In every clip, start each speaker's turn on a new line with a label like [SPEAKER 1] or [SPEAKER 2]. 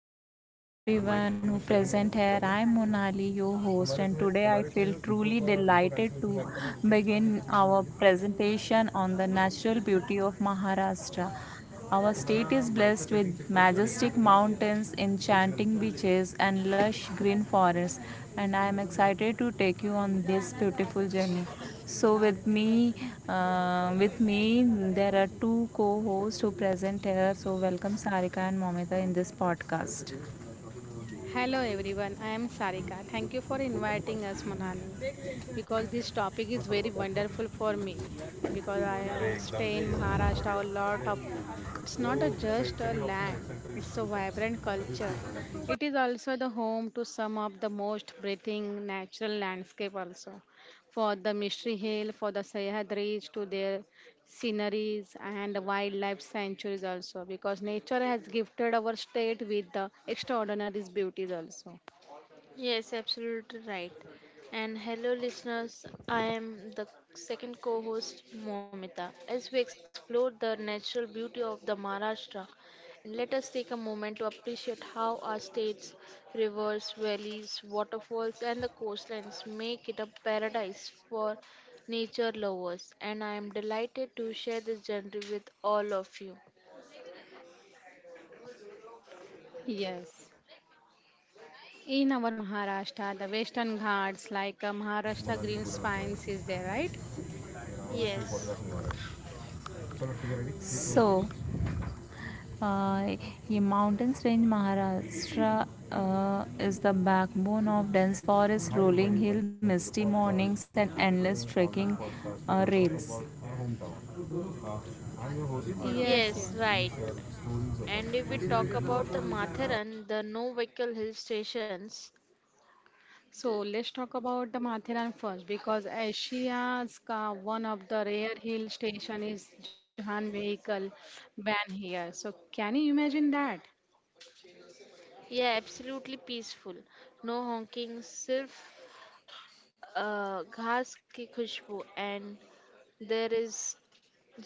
[SPEAKER 1] afternoon to everyone who present here. I'm Monali, your host, and today I feel truly delighted to begin our presentation on the natural beauty of Maharashtra. Our state is blessed with majestic mountains, enchanting beaches, and lush green forests, and I am excited to take you on this beautiful journey. So with me, with me, there are two co-hosts who present here. So welcome Sarika and Momita in this podcast.
[SPEAKER 2] Hello everyone, I am Sarika. Thank you for inviting us, Manali, because this topic is very wonderful for me because I stay in Maharashtra a lot of it's not a just a land, it's a vibrant culture. It is also the home to some of the most breathing natural landscape also. For the Mystery Hill, for the Sahyadris to their sceneries and wildlife sanctuaries also because nature has gifted our state with the extraordinary beauties also.
[SPEAKER 3] Yes, absolutely right. And hello, listeners. I am the second co host, Momita. As we explore the natural beauty of the Maharashtra, and let us take a moment to appreciate how our states, rivers, valleys, waterfalls, and the coastlines make it a paradise for nature lovers. And I am delighted to share this journey with all of you.
[SPEAKER 2] Yes, in our Maharashtra the western ghats like Maharashtra green spines is there, right?
[SPEAKER 3] Yes,
[SPEAKER 1] So, uh, ये mountains range Maharashtra is the backbone of dense forest, rolling hill, misty mornings, and endless trekking rails.
[SPEAKER 2] Yes,
[SPEAKER 3] yes,
[SPEAKER 2] yes.
[SPEAKER 3] right. And if we talk about the Matheran, the no vehicle hill stations,
[SPEAKER 2] So let's talk about the Matheran first because Asia's ka one of the rare hill station is Jahan vehicle ban here. So can you imagine that?
[SPEAKER 3] yeah, absolutely peaceful. No honking, सिर्फ घास की खुशबू and there is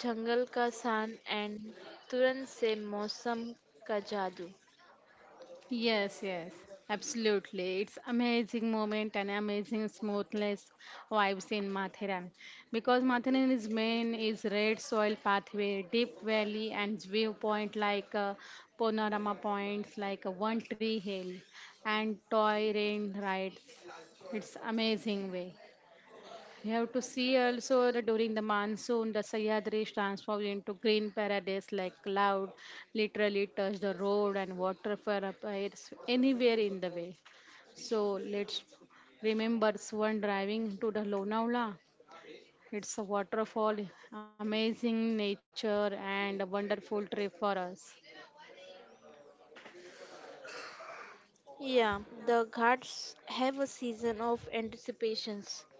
[SPEAKER 3] जंगल का सान and तुरंत से मौसम का जादू.
[SPEAKER 2] Yes, absolutely. It's amazing moment and amazing smoothness vibes in Mathiran because Mathiran is main is red soil pathway, deep valley and viewpoint like panorama points like one tree hill and toy rain rides. It's amazing way. You have to see also that during the monsoon, the Sahyadri transforms into green paradise like cloud, literally touch the road and water for appears anywhere in the way. So let's remember one driving to the Lonavala. It's a waterfall, amazing nature and a wonderful trip for us.
[SPEAKER 3] Yeah, the ghats have a season of anticipations.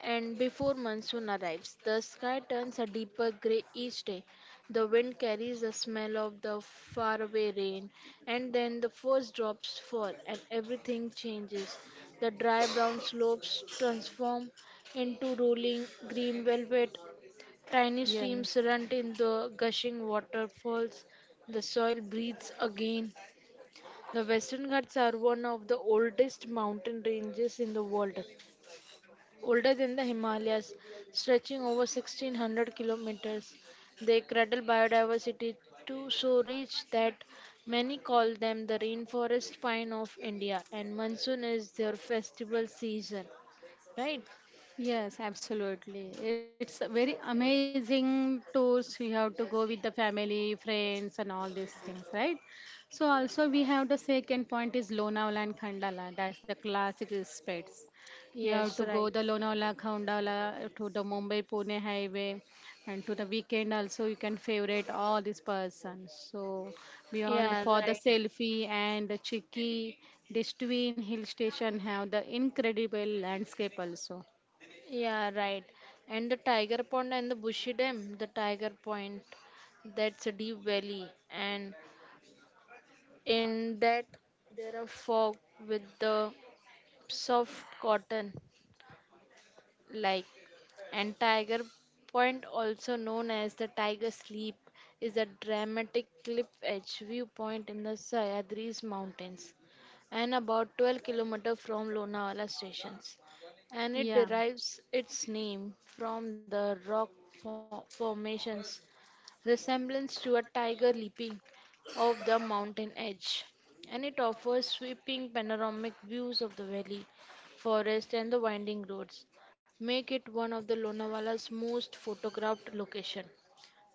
[SPEAKER 3] And before monsoon arrives, the sky turns a deeper grey each day. The wind carries the smell of the faraway rain, and then the first drops fall, and everything changes. The dry brown slopes transform into rolling green velvet. Tiny streams
[SPEAKER 2] Yes.
[SPEAKER 3] run in the gushing waterfalls. The soil breathes again. The Western Ghats are one of the oldest mountain ranges in the world older than the Himalayas, stretching over 1600 kilometers. They cradle biodiversity to so rich that many call them the rainforest pine of India, and monsoon is their festival season. Right?
[SPEAKER 2] Yes, absolutely. It's a very amazing tours. You have to go with the family, friends, and all these things, right? So also we have the second point is Lonavala and Khandala. That's the classic respects. You
[SPEAKER 3] Yes,
[SPEAKER 2] have to
[SPEAKER 3] right.
[SPEAKER 2] go the Lonavala, Khandala to the Mumbai Pune highway, and to the weekend also you can favorite all these persons. So beyond
[SPEAKER 3] Yeah,
[SPEAKER 2] for the
[SPEAKER 3] right.
[SPEAKER 2] selfie and the Chiki, these twin hill station have the incredible landscape also.
[SPEAKER 3] Yeah, right. And the Tiger Pond and the Bushy Dam, the Tiger Point, that's a deep valley, and in that there are fog with the soft cotton like and tiger point also known as the tiger sleep is a dramatic cliff edge viewpoint in the Sahyadris mountains and about 12 km from Lonavala stations, and it
[SPEAKER 2] Yeah.
[SPEAKER 3] derives its name from the formations resemblance to a tiger leaping off the mountain edge, and it offers sweeping panoramic views of the valley, forest, and the winding roads, make it one of the Lonavala's most photographed location.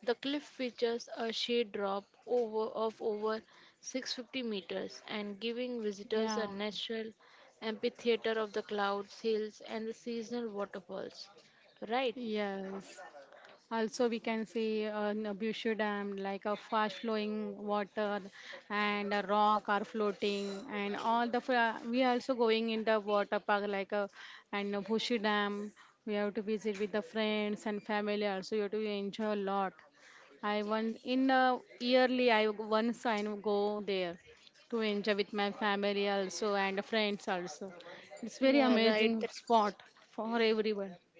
[SPEAKER 3] The cliff features a shade drop over of over 650 meters and giving
[SPEAKER 2] Yeah.
[SPEAKER 3] visitors a natural amphitheater of the clouds, hills, and the seasonal waterfalls. Right?
[SPEAKER 2] Yes. Also, we can see Nabushu Dam, like a fast flowing water and a rock are floating, and all the we are also going in the water park, like a and Nabushu Dam. We have to visit with the friends and family. Also, you have to enjoy a lot. I once in a yearly I once I go there to enjoy with my family also and friends also. It's very
[SPEAKER 3] Yeah, right.
[SPEAKER 2] amazing spot for everyone.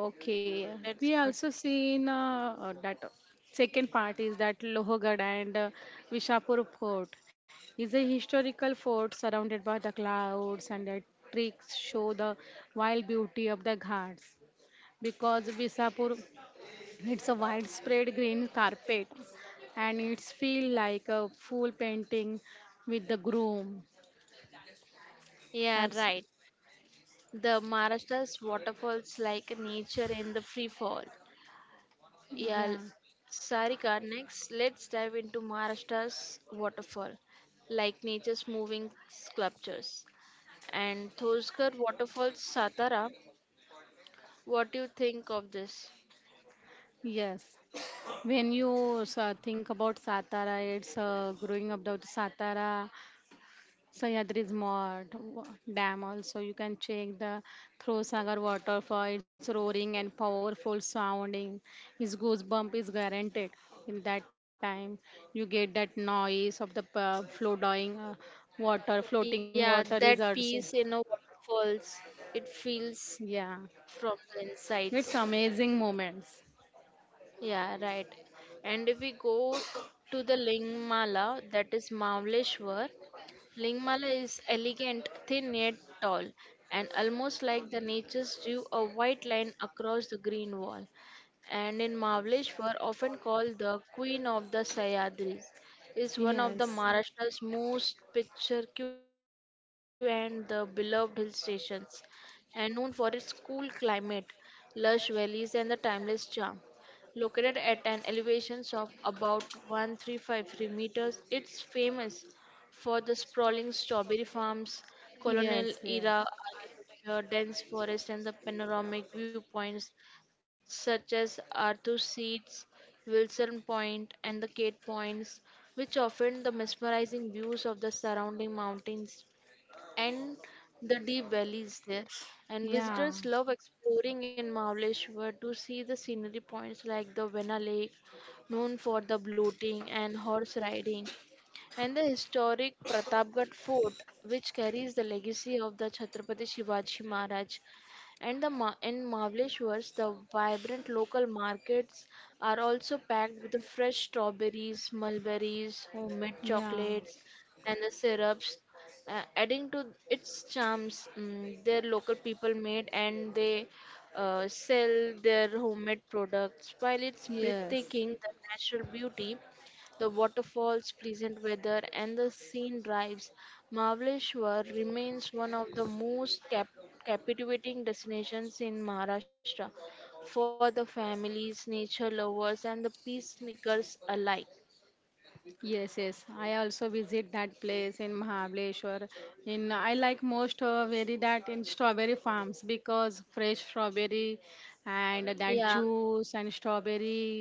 [SPEAKER 2] Okay,
[SPEAKER 3] That's good.
[SPEAKER 2] we also seen that second part is that Lohgad and Vishapur Fort is a historical fort surrounded by the clouds, and the tricks show the wild beauty of the ghats because Vishapur it's a widespread green carpet and it's feel like a full painting with the groom.
[SPEAKER 3] Yeah,
[SPEAKER 2] Abs-
[SPEAKER 3] right. The Maharashtra's waterfalls like nature in the free fall. Yeah, l-
[SPEAKER 2] yeah,
[SPEAKER 3] Sarika, next let's dive into Maharashtra's waterfall, like nature's moving sculptures. And Thoskar Waterfalls, Satara, what do you think of this?
[SPEAKER 2] yes. When you think about Satara, it's growing up the Satara, Sahyadri's Dam also. You can check the Sagar waterfall. It's roaring and powerful sounding. His goosebump is guaranteed in that time. You get that noise of the floating water. Floating
[SPEAKER 3] Yeah,
[SPEAKER 2] water is
[SPEAKER 3] that
[SPEAKER 2] also.
[SPEAKER 3] piece in a waterfalls, it feels
[SPEAKER 2] Yeah.
[SPEAKER 3] from the
[SPEAKER 2] It's
[SPEAKER 3] insides.
[SPEAKER 2] amazing moments.
[SPEAKER 3] Yeah, right. And if we go to the Lingmala, that is Mamaleshwar. Lingmala is elegant, thin yet tall, and almost like the nature's drew a white line across the green wall. And in Mahabaleshwar, often called the Queen of the Sayadris, is one of the
[SPEAKER 2] Yes.
[SPEAKER 3] Maharashtra's most picturesque and the beloved hill stations, and known for its cool climate, lush valleys, and the timeless charm. Located at an elevation of about 1353 meters, it's famous for the sprawling strawberry farms,
[SPEAKER 2] Yes,
[SPEAKER 3] colonial
[SPEAKER 2] yes.
[SPEAKER 3] era architecture, dense forest, and the panoramic viewpoints such as Arthur Seats, Wilson Point, and the Cape Points, which often the mesmerizing views of the surrounding mountains and the deep valleys there. And visitors
[SPEAKER 2] Yeah.
[SPEAKER 3] love exploring in Mahabaleshwar to see the scenery points like the Vena Lake, known for the bloating and horse riding, and the historic Pratapgarh Fort, which carries the legacy of the Chhatrapati Shivaji Maharaj. And in Mahabaleshwar, the vibrant local markets are also packed with the fresh strawberries, mulberries, homemade
[SPEAKER 2] Yeah,
[SPEAKER 3] chocolates, and the syrups, adding to its charms. Mm, their local people made and they sell their homemade products. While it's breathtaking,
[SPEAKER 2] yes,
[SPEAKER 3] the natural beauty, the waterfalls, pleasant weather, and the scene drives, Mahabaleshwar remains one of the captivating destinations in Maharashtra for the families, nature lovers, and the peacemakers alike.
[SPEAKER 2] yes, yes. I also visit that place in Mahabaleshwar. In I like most very that in strawberry farms because fresh strawberry and that
[SPEAKER 3] Yeah,
[SPEAKER 2] juice and strawberry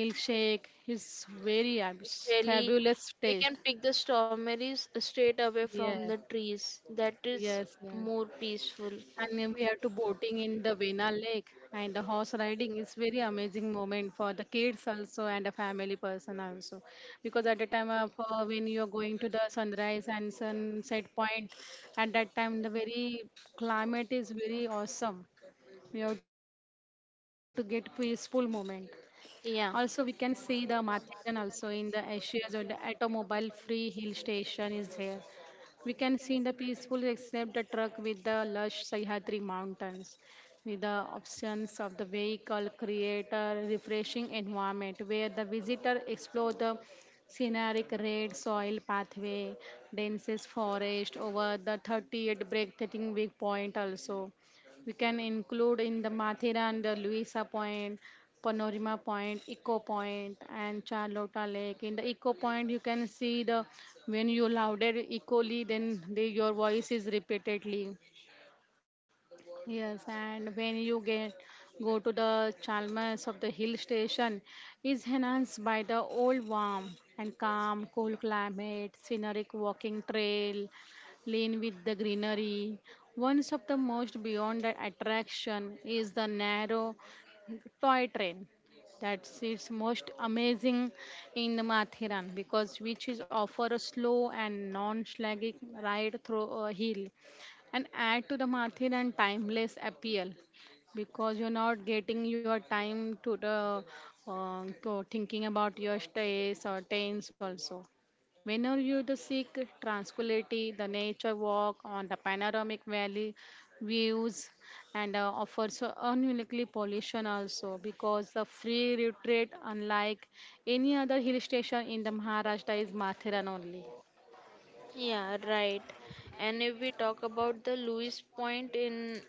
[SPEAKER 2] milkshake is very fabulous
[SPEAKER 3] jelly.
[SPEAKER 2] taste.
[SPEAKER 3] We can pick the strawberries straight away
[SPEAKER 2] Yes,
[SPEAKER 3] from the trees. That
[SPEAKER 2] yes,
[SPEAKER 3] is
[SPEAKER 2] yes.
[SPEAKER 3] more peaceful.
[SPEAKER 2] And then we have to boating in the Vena Lake and the horse riding is very amazing moment for the kids also and the family person also. Because at the time of when you're going to the sunrise and sunset point, at that time the very climate is very awesome. We have to get peaceful moment.
[SPEAKER 3] Yeah.
[SPEAKER 2] Also, we can see the Mathiran also in the Asia, so the automobile free hill station is there. We can see in the peaceful except the truck with the lush Sahyadri mountains. With the options of the vehicle create a refreshing environment where the visitor explore the scenic red soil pathway, densest forest over the 38 breathtaking viewpoint also. We can include in the Mathiran, the Luisa Point, Panorama Point, Eco Point, and Charlotta Lake. In the Eco Point, you can see the when you louder equally, then the, your voice is repeatedly. Yes, and when you get go to the Chalmers of the hill station, is enhanced by the old warm and calm, cool climate, scenic walking trail, lane with the greenery. One of the most beyond the attraction is the narrow toy train. That's its most amazing in the Mathiran because which is offer a slow and non-slagging ride through a hill and add to the Mathil and timeless appeal because you're not getting your time to the to thinking about your stress or tense also. Whenever you to seek tranquility, the nature walk on the panoramic valley views and offers a uniquely pollution also because the free retreat unlike any other hill station in the Maharashtra is Mathiran only.
[SPEAKER 3] Yeah, right. And if we talk about the Louis Point in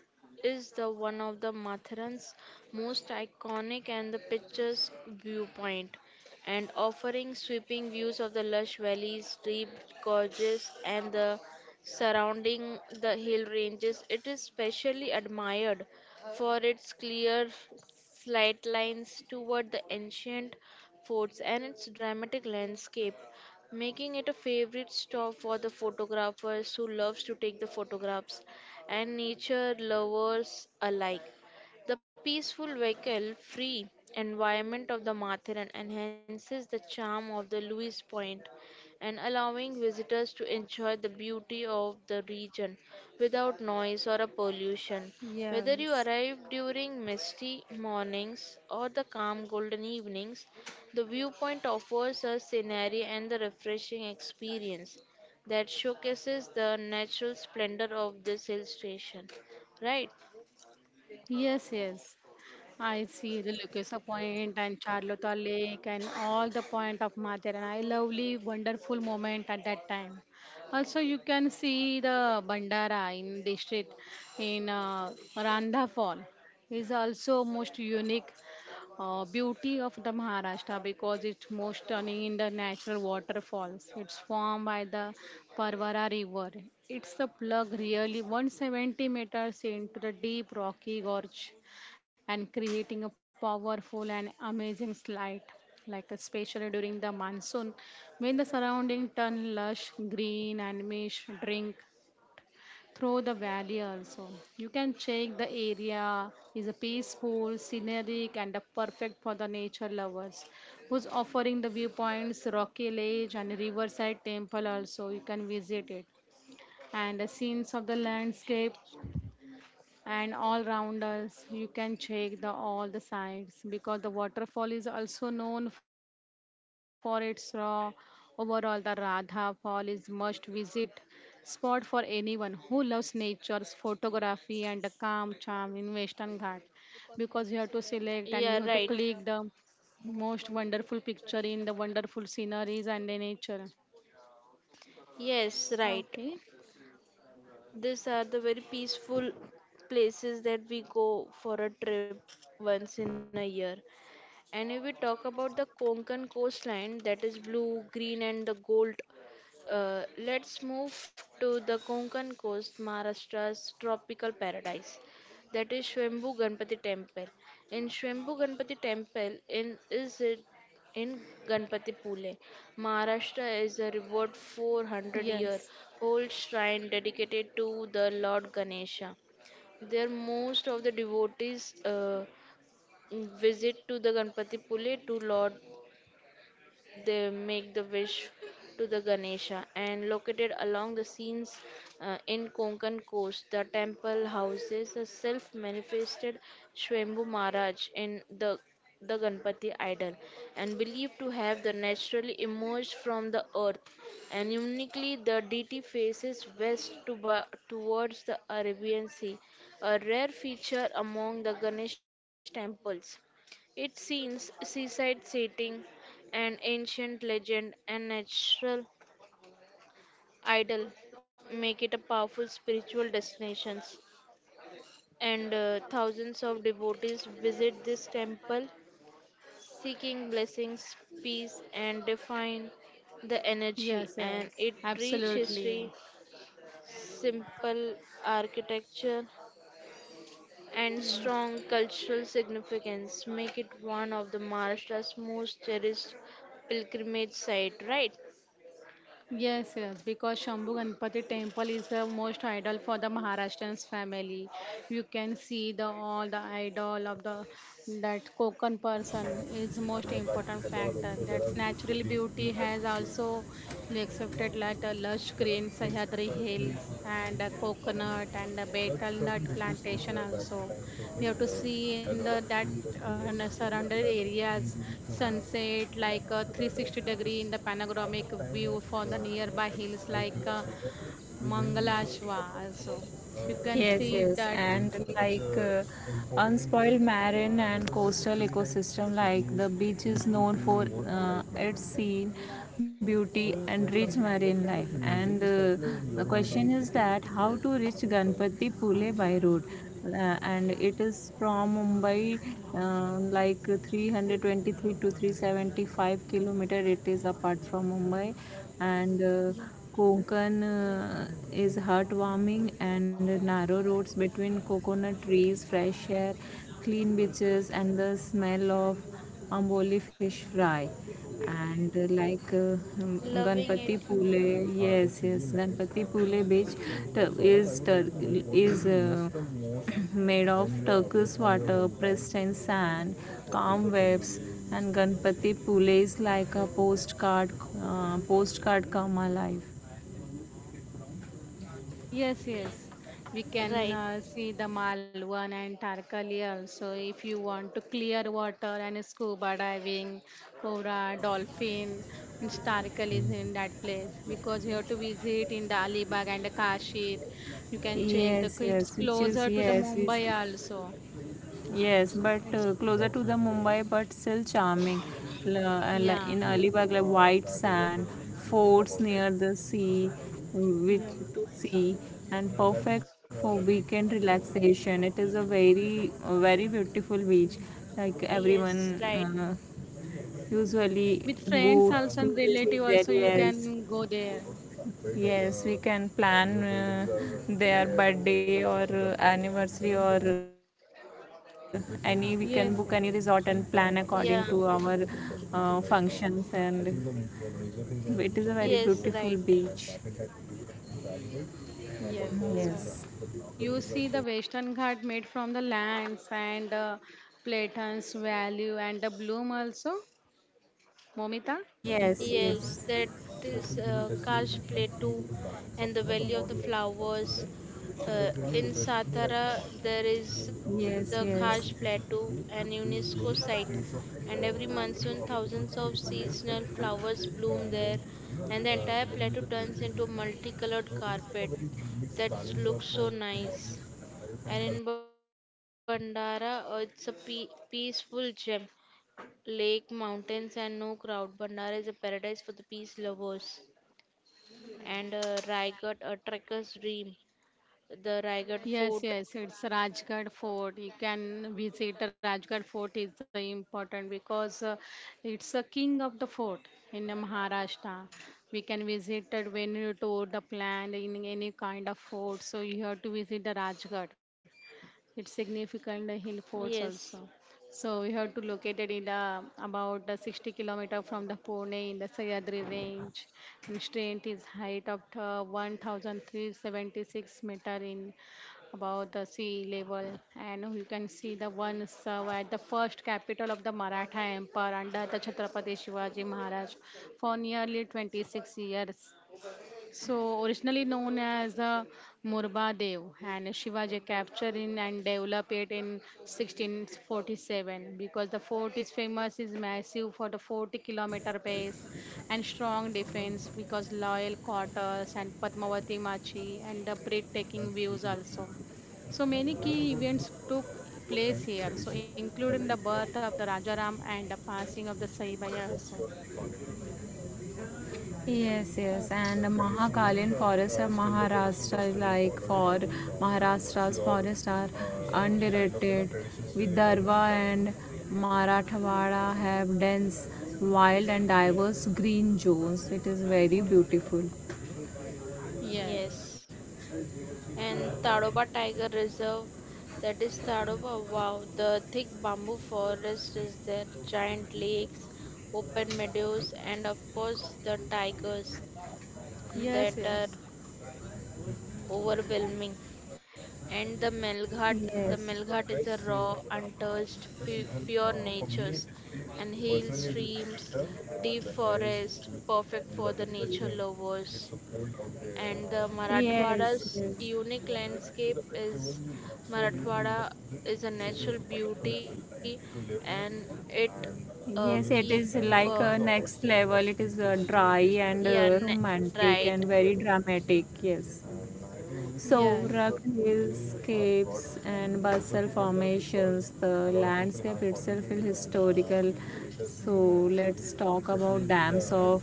[SPEAKER 3] is the one of the Mathurans most iconic and the pictures viewpoint and offering sweeping views of the lush valleys, steep gorges and the surrounding the hill ranges. It is specially admired for its clear slight lines toward the ancient forts and its dramatic landscape, making it a favorite stop for the photographers who loves to take the photographs and nature lovers alike. The peaceful vehicle free environment of the Matharan enhances the charm of the Louis Point and allowing visitors to enjoy the beauty of the region without noise or a pollution. Whether you
[SPEAKER 2] Yes.
[SPEAKER 3] arrive during misty mornings or the calm golden evenings, the viewpoint offers a scenery and the refreshing experience that showcases the natural splendor of this hill station. Right?
[SPEAKER 2] Yes, yes. I see the Lucasa Point and Charlotta Lake and all the point of Mathur and I lovely wonderful moment at that time. Also you can see the Bandara in district in Randha Fall is also most unique beauty of the Maharashtra because it's most stunning in the natural waterfalls. It's formed by the Parvara River. It's the plug really 170 meters into the deep rocky gorge and creating a powerful and amazing slide. Like especially during the monsoon, when the surrounding turn lush green and mish drink through the valley also. You can check the area is a peaceful, scenic and a perfect for the nature lovers who's offering the viewpoints, rocky ledge and riverside temple also. You can visit it. And the scenes of the landscape and all round us you can check the all the sides because the waterfall is also known for its raw overall the radha fall is must visit spot for anyone who loves nature's photography and the calm charm in western ghat because you have to select and you
[SPEAKER 3] Yeah,
[SPEAKER 2] have to
[SPEAKER 3] right.
[SPEAKER 2] click the most wonderful picture in the wonderful sceneries and the nature.
[SPEAKER 3] Yes, right.
[SPEAKER 2] Okay.
[SPEAKER 3] These are the very peaceful places that we go for a trip once in a year. And if we talk about the Konkan coastline, that is blue, green, and the gold. Let's move to the Konkan coast, Maharashtra's tropical paradise. That is Shwembhu Ganpati Temple. In Shwembhu Ganpati Temple, in Ganpati Pule, Maharashtra is a revered 400 year
[SPEAKER 2] Yes,
[SPEAKER 3] old shrine dedicated to the Lord Ganesha. There, most of the devotees visit to the Ganpati Pule to Lord, they make the wish to the Ganesha. And located along the scenes in Konkan coast, the temple houses a self-manifested Shwambhu Maharaj in the Ganpati idol and believed to have the naturally emerged from the earth, and uniquely the deity faces west towards the Arabian Sea, a rare feature among the Ganesh temples. It seems seaside setting, an ancient legend and natural idol make it a powerful spiritual destination. And thousands of devotees visit this temple seeking blessings, peace, and define the
[SPEAKER 2] yes,
[SPEAKER 3] energy.
[SPEAKER 2] yes,
[SPEAKER 3] And it rich
[SPEAKER 2] absolutely.
[SPEAKER 3] history, simple architecture, and
[SPEAKER 2] Hmm.
[SPEAKER 3] strong cultural significance make it one of the Maharashtra's most cherished pilgrimage site. Right,
[SPEAKER 2] Yes, yes, because Shambhu Ganpati temple is the most idol for the Maharashtrians family. You can see the all the idol of the that Konkan person is most important factor. That's natural beauty has also accepted like the lush green Sahyadri hills and the coconut and the betel nut plantation also you have to see in the that in the surrounded areas sunset like 360 degree in the panoramic view for the nearby hills like mangalashwa also you can
[SPEAKER 1] Yes,
[SPEAKER 2] see
[SPEAKER 1] yes,
[SPEAKER 2] that.
[SPEAKER 1] doing and being such like important unspoiled marine and coastal ecosystem, like the beach is known for its people, scene, beauty, So and rich marine life. And The question is that how to reach Ganpati Pule by road? And it is from Mumbai, like 323 to 375 kilometer it is apart from Mumbai, and
[SPEAKER 2] Yeah.
[SPEAKER 1] Konkan is heartwarming and narrow roads between coconut trees, fresh air, clean beaches, and the smell of Amboli fish fry and like um,
[SPEAKER 3] loving
[SPEAKER 1] Ganpati
[SPEAKER 3] it.
[SPEAKER 1] Pule. Yes, yes, Ganpati Pule beach tur- is made of turquoise water, pressed in sand, calm waves, and Ganpati Pule is like a postcard, postcard come alive.
[SPEAKER 2] Yes, yes. We
[SPEAKER 3] Right.
[SPEAKER 2] can see the Malwan and Tarkali also. If you want to clear water and scuba diving, cobra, dolphin, and Tarkali is in that place because you have to visit in the Alibag and the Kashid. You can check
[SPEAKER 1] Yes,
[SPEAKER 2] the
[SPEAKER 1] yes,
[SPEAKER 2] it's
[SPEAKER 1] which
[SPEAKER 2] closer to the
[SPEAKER 1] is
[SPEAKER 2] Mumbai also.
[SPEAKER 1] Yes, but
[SPEAKER 2] It's
[SPEAKER 1] closer to the Mumbai, but still charming. In
[SPEAKER 2] yeah,
[SPEAKER 1] Alibag, like white sand, forts near the sea, which
[SPEAKER 2] yeah.
[SPEAKER 1] to see, and perfect for weekend relaxation. It is a very, very beautiful beach. Like everyone
[SPEAKER 3] Yes, right.
[SPEAKER 1] usually
[SPEAKER 2] With
[SPEAKER 1] go
[SPEAKER 2] friends also
[SPEAKER 1] to
[SPEAKER 2] and relative
[SPEAKER 1] visit there.
[SPEAKER 2] also you
[SPEAKER 1] Yes,
[SPEAKER 2] can go there.
[SPEAKER 1] yes, we can plan their birthday or anniversary or any. We can book any resort and
[SPEAKER 2] Yes,
[SPEAKER 1] plan according to our
[SPEAKER 3] Yeah.
[SPEAKER 1] functions. And it is a very beautiful
[SPEAKER 3] Yes, right.
[SPEAKER 1] beach.
[SPEAKER 2] yes, yes
[SPEAKER 1] Yes,
[SPEAKER 2] also. You see the Western Ghat made from the lands and Platon's value and the bloom also, Momita.
[SPEAKER 1] yes,
[SPEAKER 3] Yes, that
[SPEAKER 1] yes.
[SPEAKER 3] is Kash Plateau and the Valley of the Flowers. In Satara, there is a Kash
[SPEAKER 1] Yes, yes.
[SPEAKER 3] Plateau, an
[SPEAKER 1] So
[SPEAKER 3] UNESCO site, and every monsoon, thousands of seasonal flowers bloom there, and the entire plateau turns into a multicolored carpet that looks so nice. And in Bandara, peaceful gem. Lake, mountains, and no crowd. Bandara is a paradise for the peace lovers. And Raigad, a trekker's dream. The Raigad
[SPEAKER 2] Yes,
[SPEAKER 3] Fort.
[SPEAKER 2] yes, it's Rajgarh Fort. You can visit the Rajgarh Fort is the important because it's a king of the fort in the Maharashtra. We can visit it when you tour the plan in any kind of fort. So you have to visit the Rajgarh. It's significant hill forts
[SPEAKER 3] Yes,
[SPEAKER 2] also. So we have to locate it in the about the 60-kilometer from the Pune in the Sahyadri range, and strength is height of the 1,376 meter in about the sea level, and you can see the one serve at the first capital of the Maratha Empire under the Chhatrapati Shivaji Maharaj for nearly 26 years. So, originally known as the Murba Dev, and Shivaji captured in and developed it in 1647 because the fort is famous is massive for the 40-kilometer base and strong defense because loyal quarters and Padmavati Machi and the breathtaking views also. So many key events took place here, so including the birth of the Rajaram and the passing of the Saibaya also.
[SPEAKER 1] yes, yes,
[SPEAKER 2] Okay.
[SPEAKER 1] and Mahakalyan forests of Maharashtra is like for Maharashtra's forests are underrated. Vidarbha and Marathwada have dense, wild, and diverse green zones. It is very beautiful.
[SPEAKER 3] yes.
[SPEAKER 2] Yes.
[SPEAKER 3] And Tadoba Tiger Reserve, that is Tadoba. Wow, the thick bamboo forest is there, giant lakes, open meadows, and of course the tigers
[SPEAKER 2] Yes,
[SPEAKER 3] that
[SPEAKER 2] yeah.
[SPEAKER 3] are overwhelming. And the Melghat
[SPEAKER 1] Yes.
[SPEAKER 3] is a raw, untouched, pure natures, and hill streams, deep forest, perfect for the nature lovers. And the
[SPEAKER 1] Yes,
[SPEAKER 3] Marathwada's
[SPEAKER 1] yes.
[SPEAKER 3] unique landscape is Marathwada is a natural beauty and it keep
[SPEAKER 1] Yes, it is
[SPEAKER 3] uh,
[SPEAKER 1] like a next level. It is dry and
[SPEAKER 3] yeah na-
[SPEAKER 1] romantic
[SPEAKER 3] right.
[SPEAKER 1] and very dramatic. Yes. So,
[SPEAKER 2] Yes. Yes.
[SPEAKER 1] rock hillscapes and basalt formations, the landscape itself is historical. So, let's talk about dams of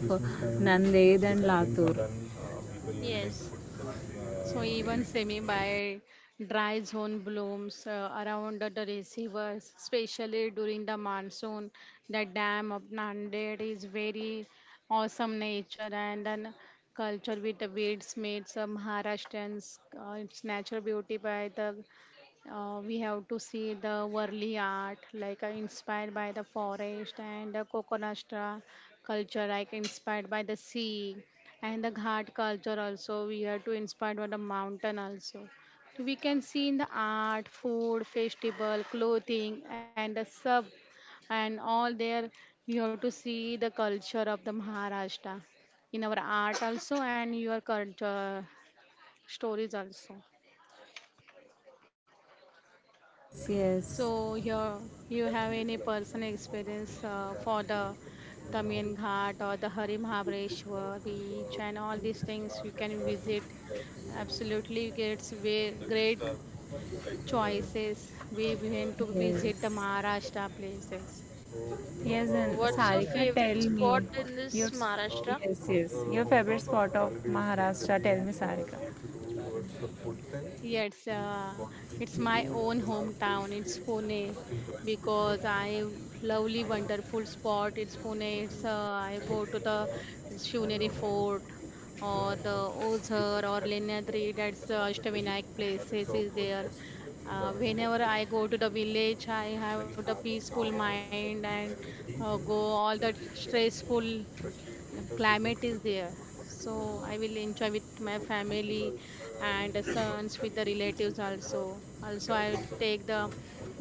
[SPEAKER 1] Nanded and Latur.
[SPEAKER 3] Yes,
[SPEAKER 2] So even semi-by dry zone blooms around the receivers, especially during the monsoon. The dam of Nanded is very awesome nature and then culture with the weeds made some Maharashtrians. Its natural beauty by the uh, we have to see the Worli art, like inspired by the forest, and the Kokonastra culture, like inspired by the sea, and the Ghat culture also. We have to inspired by the mountain also. So we can see in the art, food, festival, clothing, and the sub, and all there. You have to see the culture of the Maharashtra in our art also, and your culture stories also.
[SPEAKER 1] Yes, yes.
[SPEAKER 2] So here you have any personal experience for the Tamiyan Ghat or the Hari Mahabreshwar beach and all these things you can visit. Absolutely, it's great choices. We went to visit the
[SPEAKER 1] Yes.
[SPEAKER 2] Maharashtra places.
[SPEAKER 1] Yes, and
[SPEAKER 3] what's your
[SPEAKER 1] Sarika,
[SPEAKER 3] favorite
[SPEAKER 1] tell me
[SPEAKER 3] spot in this
[SPEAKER 1] your s-
[SPEAKER 3] Maharashtra?
[SPEAKER 1] yes, yes, your favorite spot of Maharashtra. Tell me, Sarika.
[SPEAKER 2] Yeah, it's my own hometown. It's Pune because I lovely wonderful spot. It's Pune. It's I go to the it's Shivneri Fort or the Ozhar or Lenadri. That's the Ashtavinayak places is there. Whenever I go to the village, I have the peaceful mind and go all the stressful, the climate is there, so I will enjoy with my family and sons. With the relatives also, also I will take the,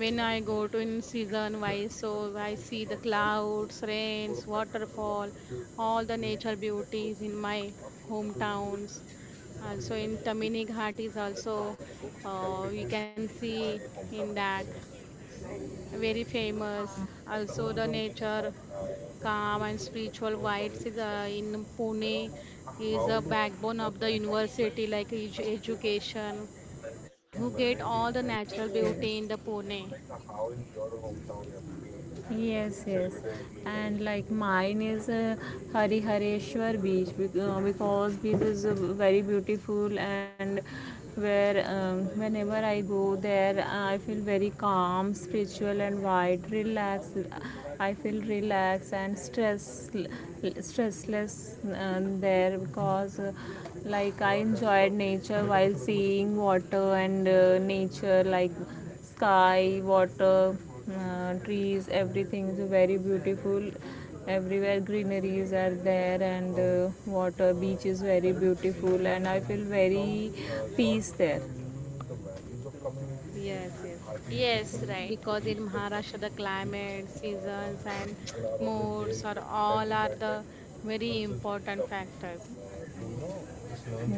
[SPEAKER 2] when I go to in season wise, so I see the clouds, rains, waterfall, all the nature beauties in my hometowns. Also in Tamini Ghat is also, we can see in that very famous also, the nature, calm and spiritual vibes is, in Pune. Is a backbone of the university, like education, who get all the
[SPEAKER 1] Yes.
[SPEAKER 2] natural beauty in the Pune.
[SPEAKER 1] Yes, yes, and like mine is Hari Hareshwar beach because beach is very beautiful, and where whenever I go there I feel very calm, spiritual, and wide, relaxed. I feel relaxed and stressless there, because like I enjoyed nature while seeing water and nature like sky, water, trees, everything is very beautiful, everywhere greeneries are there, and water beach is very beautiful, and I feel very peace there.
[SPEAKER 2] Yes, yes.
[SPEAKER 3] Yes, right.
[SPEAKER 2] Because in Maharashtra the climate, seasons and moods are all are the very important factors.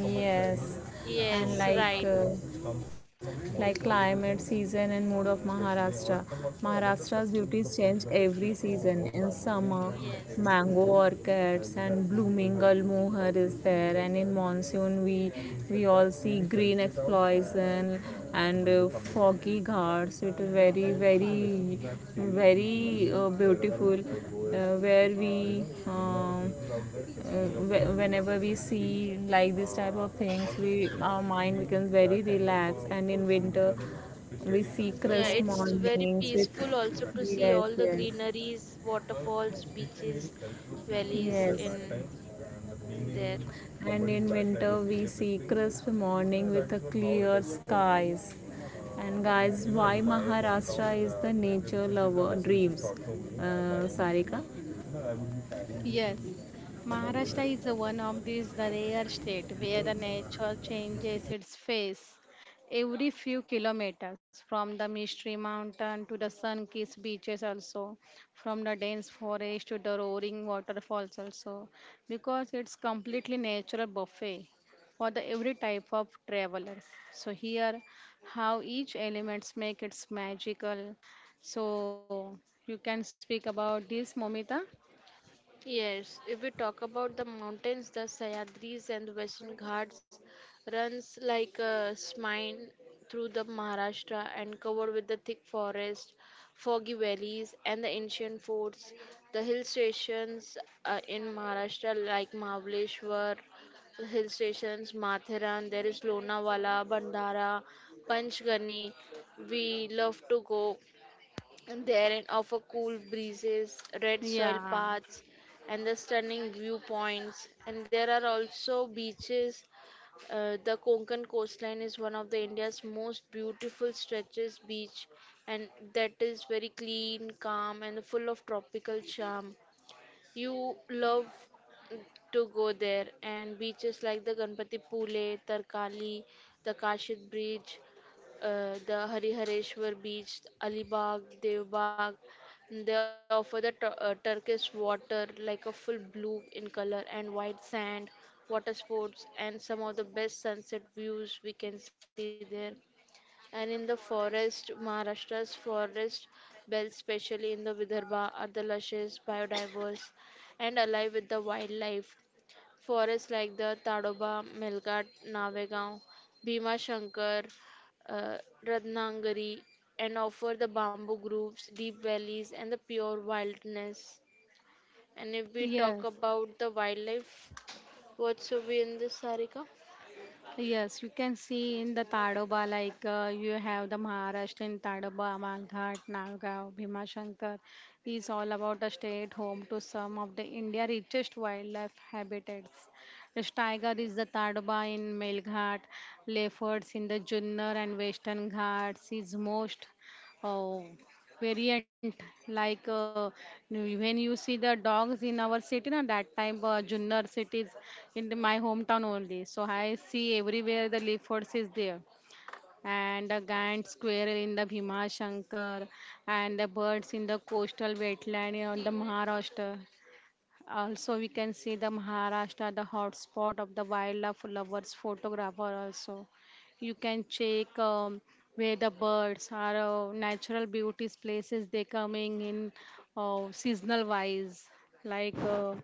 [SPEAKER 1] Yes, and
[SPEAKER 3] Yes, right.
[SPEAKER 1] like climate, season, and mood of Maharashtra. Maharashtra's beauties change every season. In summer,
[SPEAKER 3] Yes,
[SPEAKER 1] mango orchids and blooming gulmohar is there, and in monsoon we all see green explosion, and foggy ghats with very beautiful whenever we see like this type of things we our mind becomes very relaxed, and in winter we see
[SPEAKER 3] yeah,
[SPEAKER 1] crisp
[SPEAKER 2] Yes.
[SPEAKER 3] it's very
[SPEAKER 1] mornings with
[SPEAKER 3] peaceful also to see
[SPEAKER 1] yes,
[SPEAKER 3] all the
[SPEAKER 1] yes,
[SPEAKER 3] greeneries, waterfalls, beaches,
[SPEAKER 1] in
[SPEAKER 3] valleys
[SPEAKER 1] Yes.
[SPEAKER 3] in
[SPEAKER 1] In
[SPEAKER 3] there.
[SPEAKER 1] And in winter, we see crisp morning with a clear skies. And guys, why Maharashtra is the nature lover dreams? Sarika?
[SPEAKER 2] Yes, Maharashtra is one of these the rare state where the nature changes its face every few kilometers, from the mystery mountain to the sun-kissed beaches, also from the dense forest to the roaring waterfalls, also because it's completely natural buffet for the every type of traveler. So here, how each elements make its magical, so you can speak about this, Momita.
[SPEAKER 3] Yes, if we talk about the mountains, the Sahyadris and the Western Ghats runs like a spine through the Maharashtra and covered with the thick forest, foggy valleys and the ancient forts. The hill stations in Maharashtra like Mahabaleshwar, hill stations, Matheran, there is Lonavala, Bandara, Panchgani. We love to go and there and offer cool breezes, red soil
[SPEAKER 2] Yeah.
[SPEAKER 3] paths, and the stunning viewpoints. And there are also beaches. The Konkan coastline is one of the India's most beautiful stretches beach, and that is very clean, calm, and full of tropical charm. You love to go there, and beaches like the Ganpati Pule, Tarkali, the Kashid Bridge, the Harihareshwar beach, Alibag, Devbag. They offer the turquoise water, like a full blue in color, and white sand, water sports, and some of the best sunset views we can see there. And in the forest, Maharashtra's forest belts, especially in the Vidarbha, are the luscious, biodiverse, and alive with the wildlife. Forests like the Tadoba, Melghat, Navegaon, Bhima Shankar, uh, Ratnagiri, and offer the bamboo groves, deep valleys, and the pure wilderness. And if we
[SPEAKER 2] Yes,
[SPEAKER 3] talk about the wildlife, what should be in this, Sarika?
[SPEAKER 2] yes, you can see in the Tadoba, like you have the Maharashtrian Tadoba, Malghat, Nalgaon, Bhimashankar, is all about a state home to some of the India richest wildlife habitats. The tiger is the Tadoba in Melghat, leopards in the Junner and Western Ghats is most. Oh, variant, like when you see the dogs in our city na, that time, Junner cities, in the, my hometown only, so I see everywhere the leopards is there, and the giant squirrel in the Bhima Shankar, and the birds in the coastal wetland on the Maharashtra. Also, we can see the Maharashtra, the hotspot of the wildlife lovers photographer also. You can check where the birds are, natural beauties places they coming in seasonal wise. Like uh,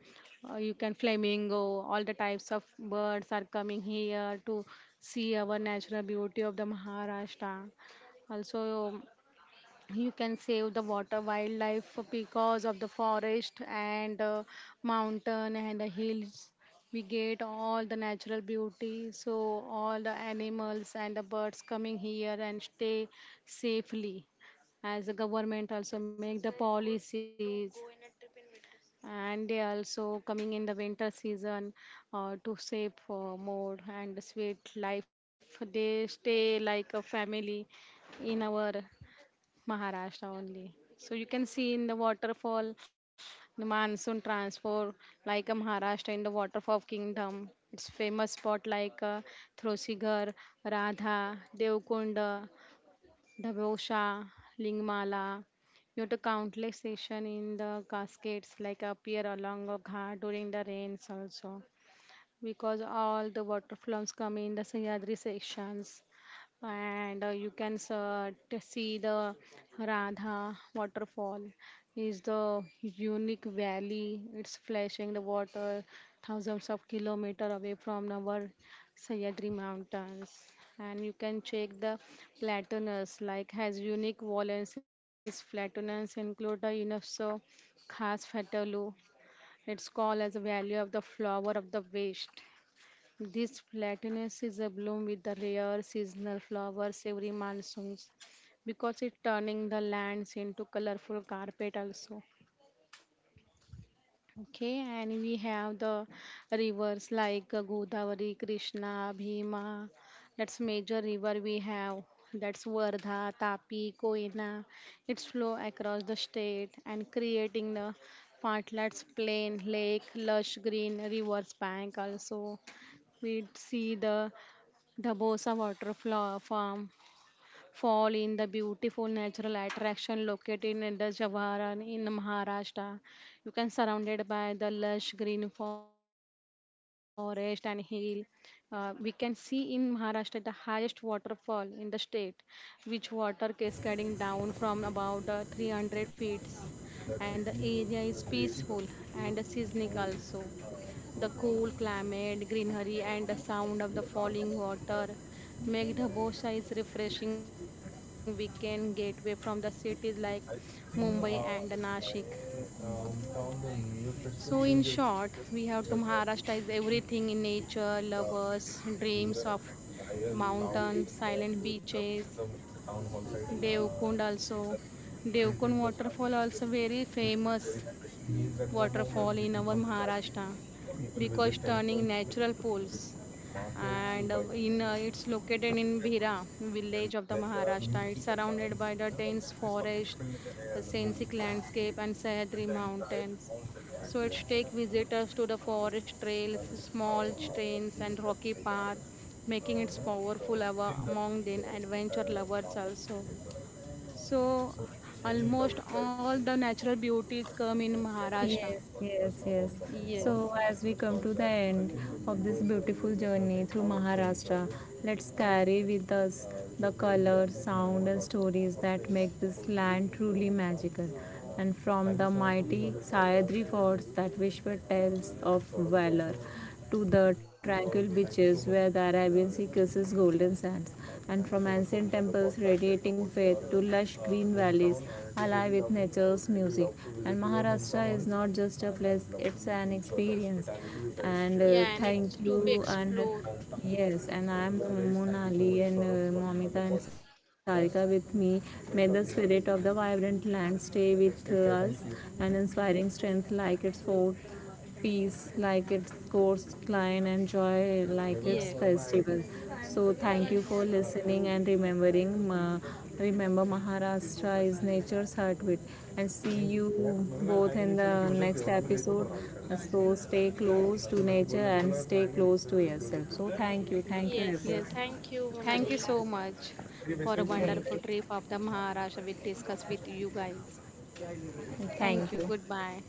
[SPEAKER 2] you can flamingo, all the types of birds are coming here to see our natural beauty of the Maharashtra. Also, you can save the water wildlife because of the forest and mountain and the hills, we get all the natural beauty, so all the animals and the birds coming here and stay safely as the government also make the policies, and they also coming in the winter season, to save for more and sweet life, they stay like a family in our Maharashtra only. So you can see in the waterfall, the monsoon transfer like a Maharashtra in the waterfall kingdom. It's famous spot like Throsigar, Radha, Devkunda, Dabosha, Lingmala. You have to countless station in the cascades like appear along a ghat during the rains also, because all the waterfalls come in the Sahyadri sections, and see the Radha waterfall is the unique valley, it's flashing the water thousands of kilometer away from our Sahyadri mountains. And you can check the platanus like has unique valence, its platanus include the UNESCO khas fatalu. It's called as the valley of the flower of the west. This platanus is a bloom with the rare seasonal flowers every monsoon, because it's turning the lands into colorful carpet also. Okay, and we have the rivers like Godavari, Krishna, Bhima. That's major river we have. That's Vardha, Tapi, Koyna. Its flow across the state and creating the partlets, plain, lake, lush green, rivers bank also. We see the Farm fall in the beautiful natural attraction located in the Javaran in Maharashtra. You can surrounded by the lush green forest and hill. We can see in Maharashtra the highest waterfall in the state, which water cascading down from about 300 feet, and the area is peaceful and scenic also. The cool climate, greenery, and the sound of the falling water make Dhabosha is refreshing weekend gateway from the cities like Mumbai and Nashik. So, in short, we have to Maharashtra is everything in nature, lovers, dreams of mountain, silent beaches, Devkund also. Devkund waterfall also very famous waterfall in our Maharashtra, because turning natural pools, and in it's located in Bhira village of the Maharashtra. It's surrounded by the dense forest, a scenic landscape, and Sahyadri mountains. So it takes visitors to the forest trails, small trains, and rocky path, making it powerful among the adventure lovers also. So almost all the natural beauties come in
[SPEAKER 1] Would say,
[SPEAKER 2] Maharashtra.
[SPEAKER 1] yes, yes, yes.
[SPEAKER 2] Yes,
[SPEAKER 1] So, as we come to the end of this beautiful journey through Maharashtra, let's carry with us the color, sound, and stories that make this land truly magical. And from the mighty Sahyadri forts that whisper tales of valor to the tranquil beaches where the Arabian Sea kisses golden sands, and from ancient temples radiating faith to lush green valleys alive with nature's music. And Maharashtra is not just a place, it's an experience. And
[SPEAKER 3] Yeah, and it's
[SPEAKER 1] thank
[SPEAKER 3] to be
[SPEAKER 1] you. And
[SPEAKER 3] explored.
[SPEAKER 1] yes, and I am Monali, and Momita and Sarika with me. May the spirit of the vibrant land stay with us and inspiring strength like its fort, peace like its course client, and joy like its
[SPEAKER 2] yes,
[SPEAKER 1] festival. So thank you
[SPEAKER 3] Yes,
[SPEAKER 1] for listening and remembering remember Maharashtra is nature's heartbeat, and see you both in the next episode. So stay close to nature and stay close to yourself. So thank you, thank you
[SPEAKER 3] yes.
[SPEAKER 1] everyone,
[SPEAKER 2] yes.
[SPEAKER 3] Thank you,
[SPEAKER 2] Thank you
[SPEAKER 3] Monali.
[SPEAKER 2] so much for a
[SPEAKER 1] thank
[SPEAKER 3] Thank
[SPEAKER 2] wonderful trip
[SPEAKER 1] you,
[SPEAKER 2] of the Maharashtra we discussed with you
[SPEAKER 3] you.
[SPEAKER 2] guys. Thank
[SPEAKER 1] thank
[SPEAKER 2] you.
[SPEAKER 1] you.
[SPEAKER 2] Goodbye.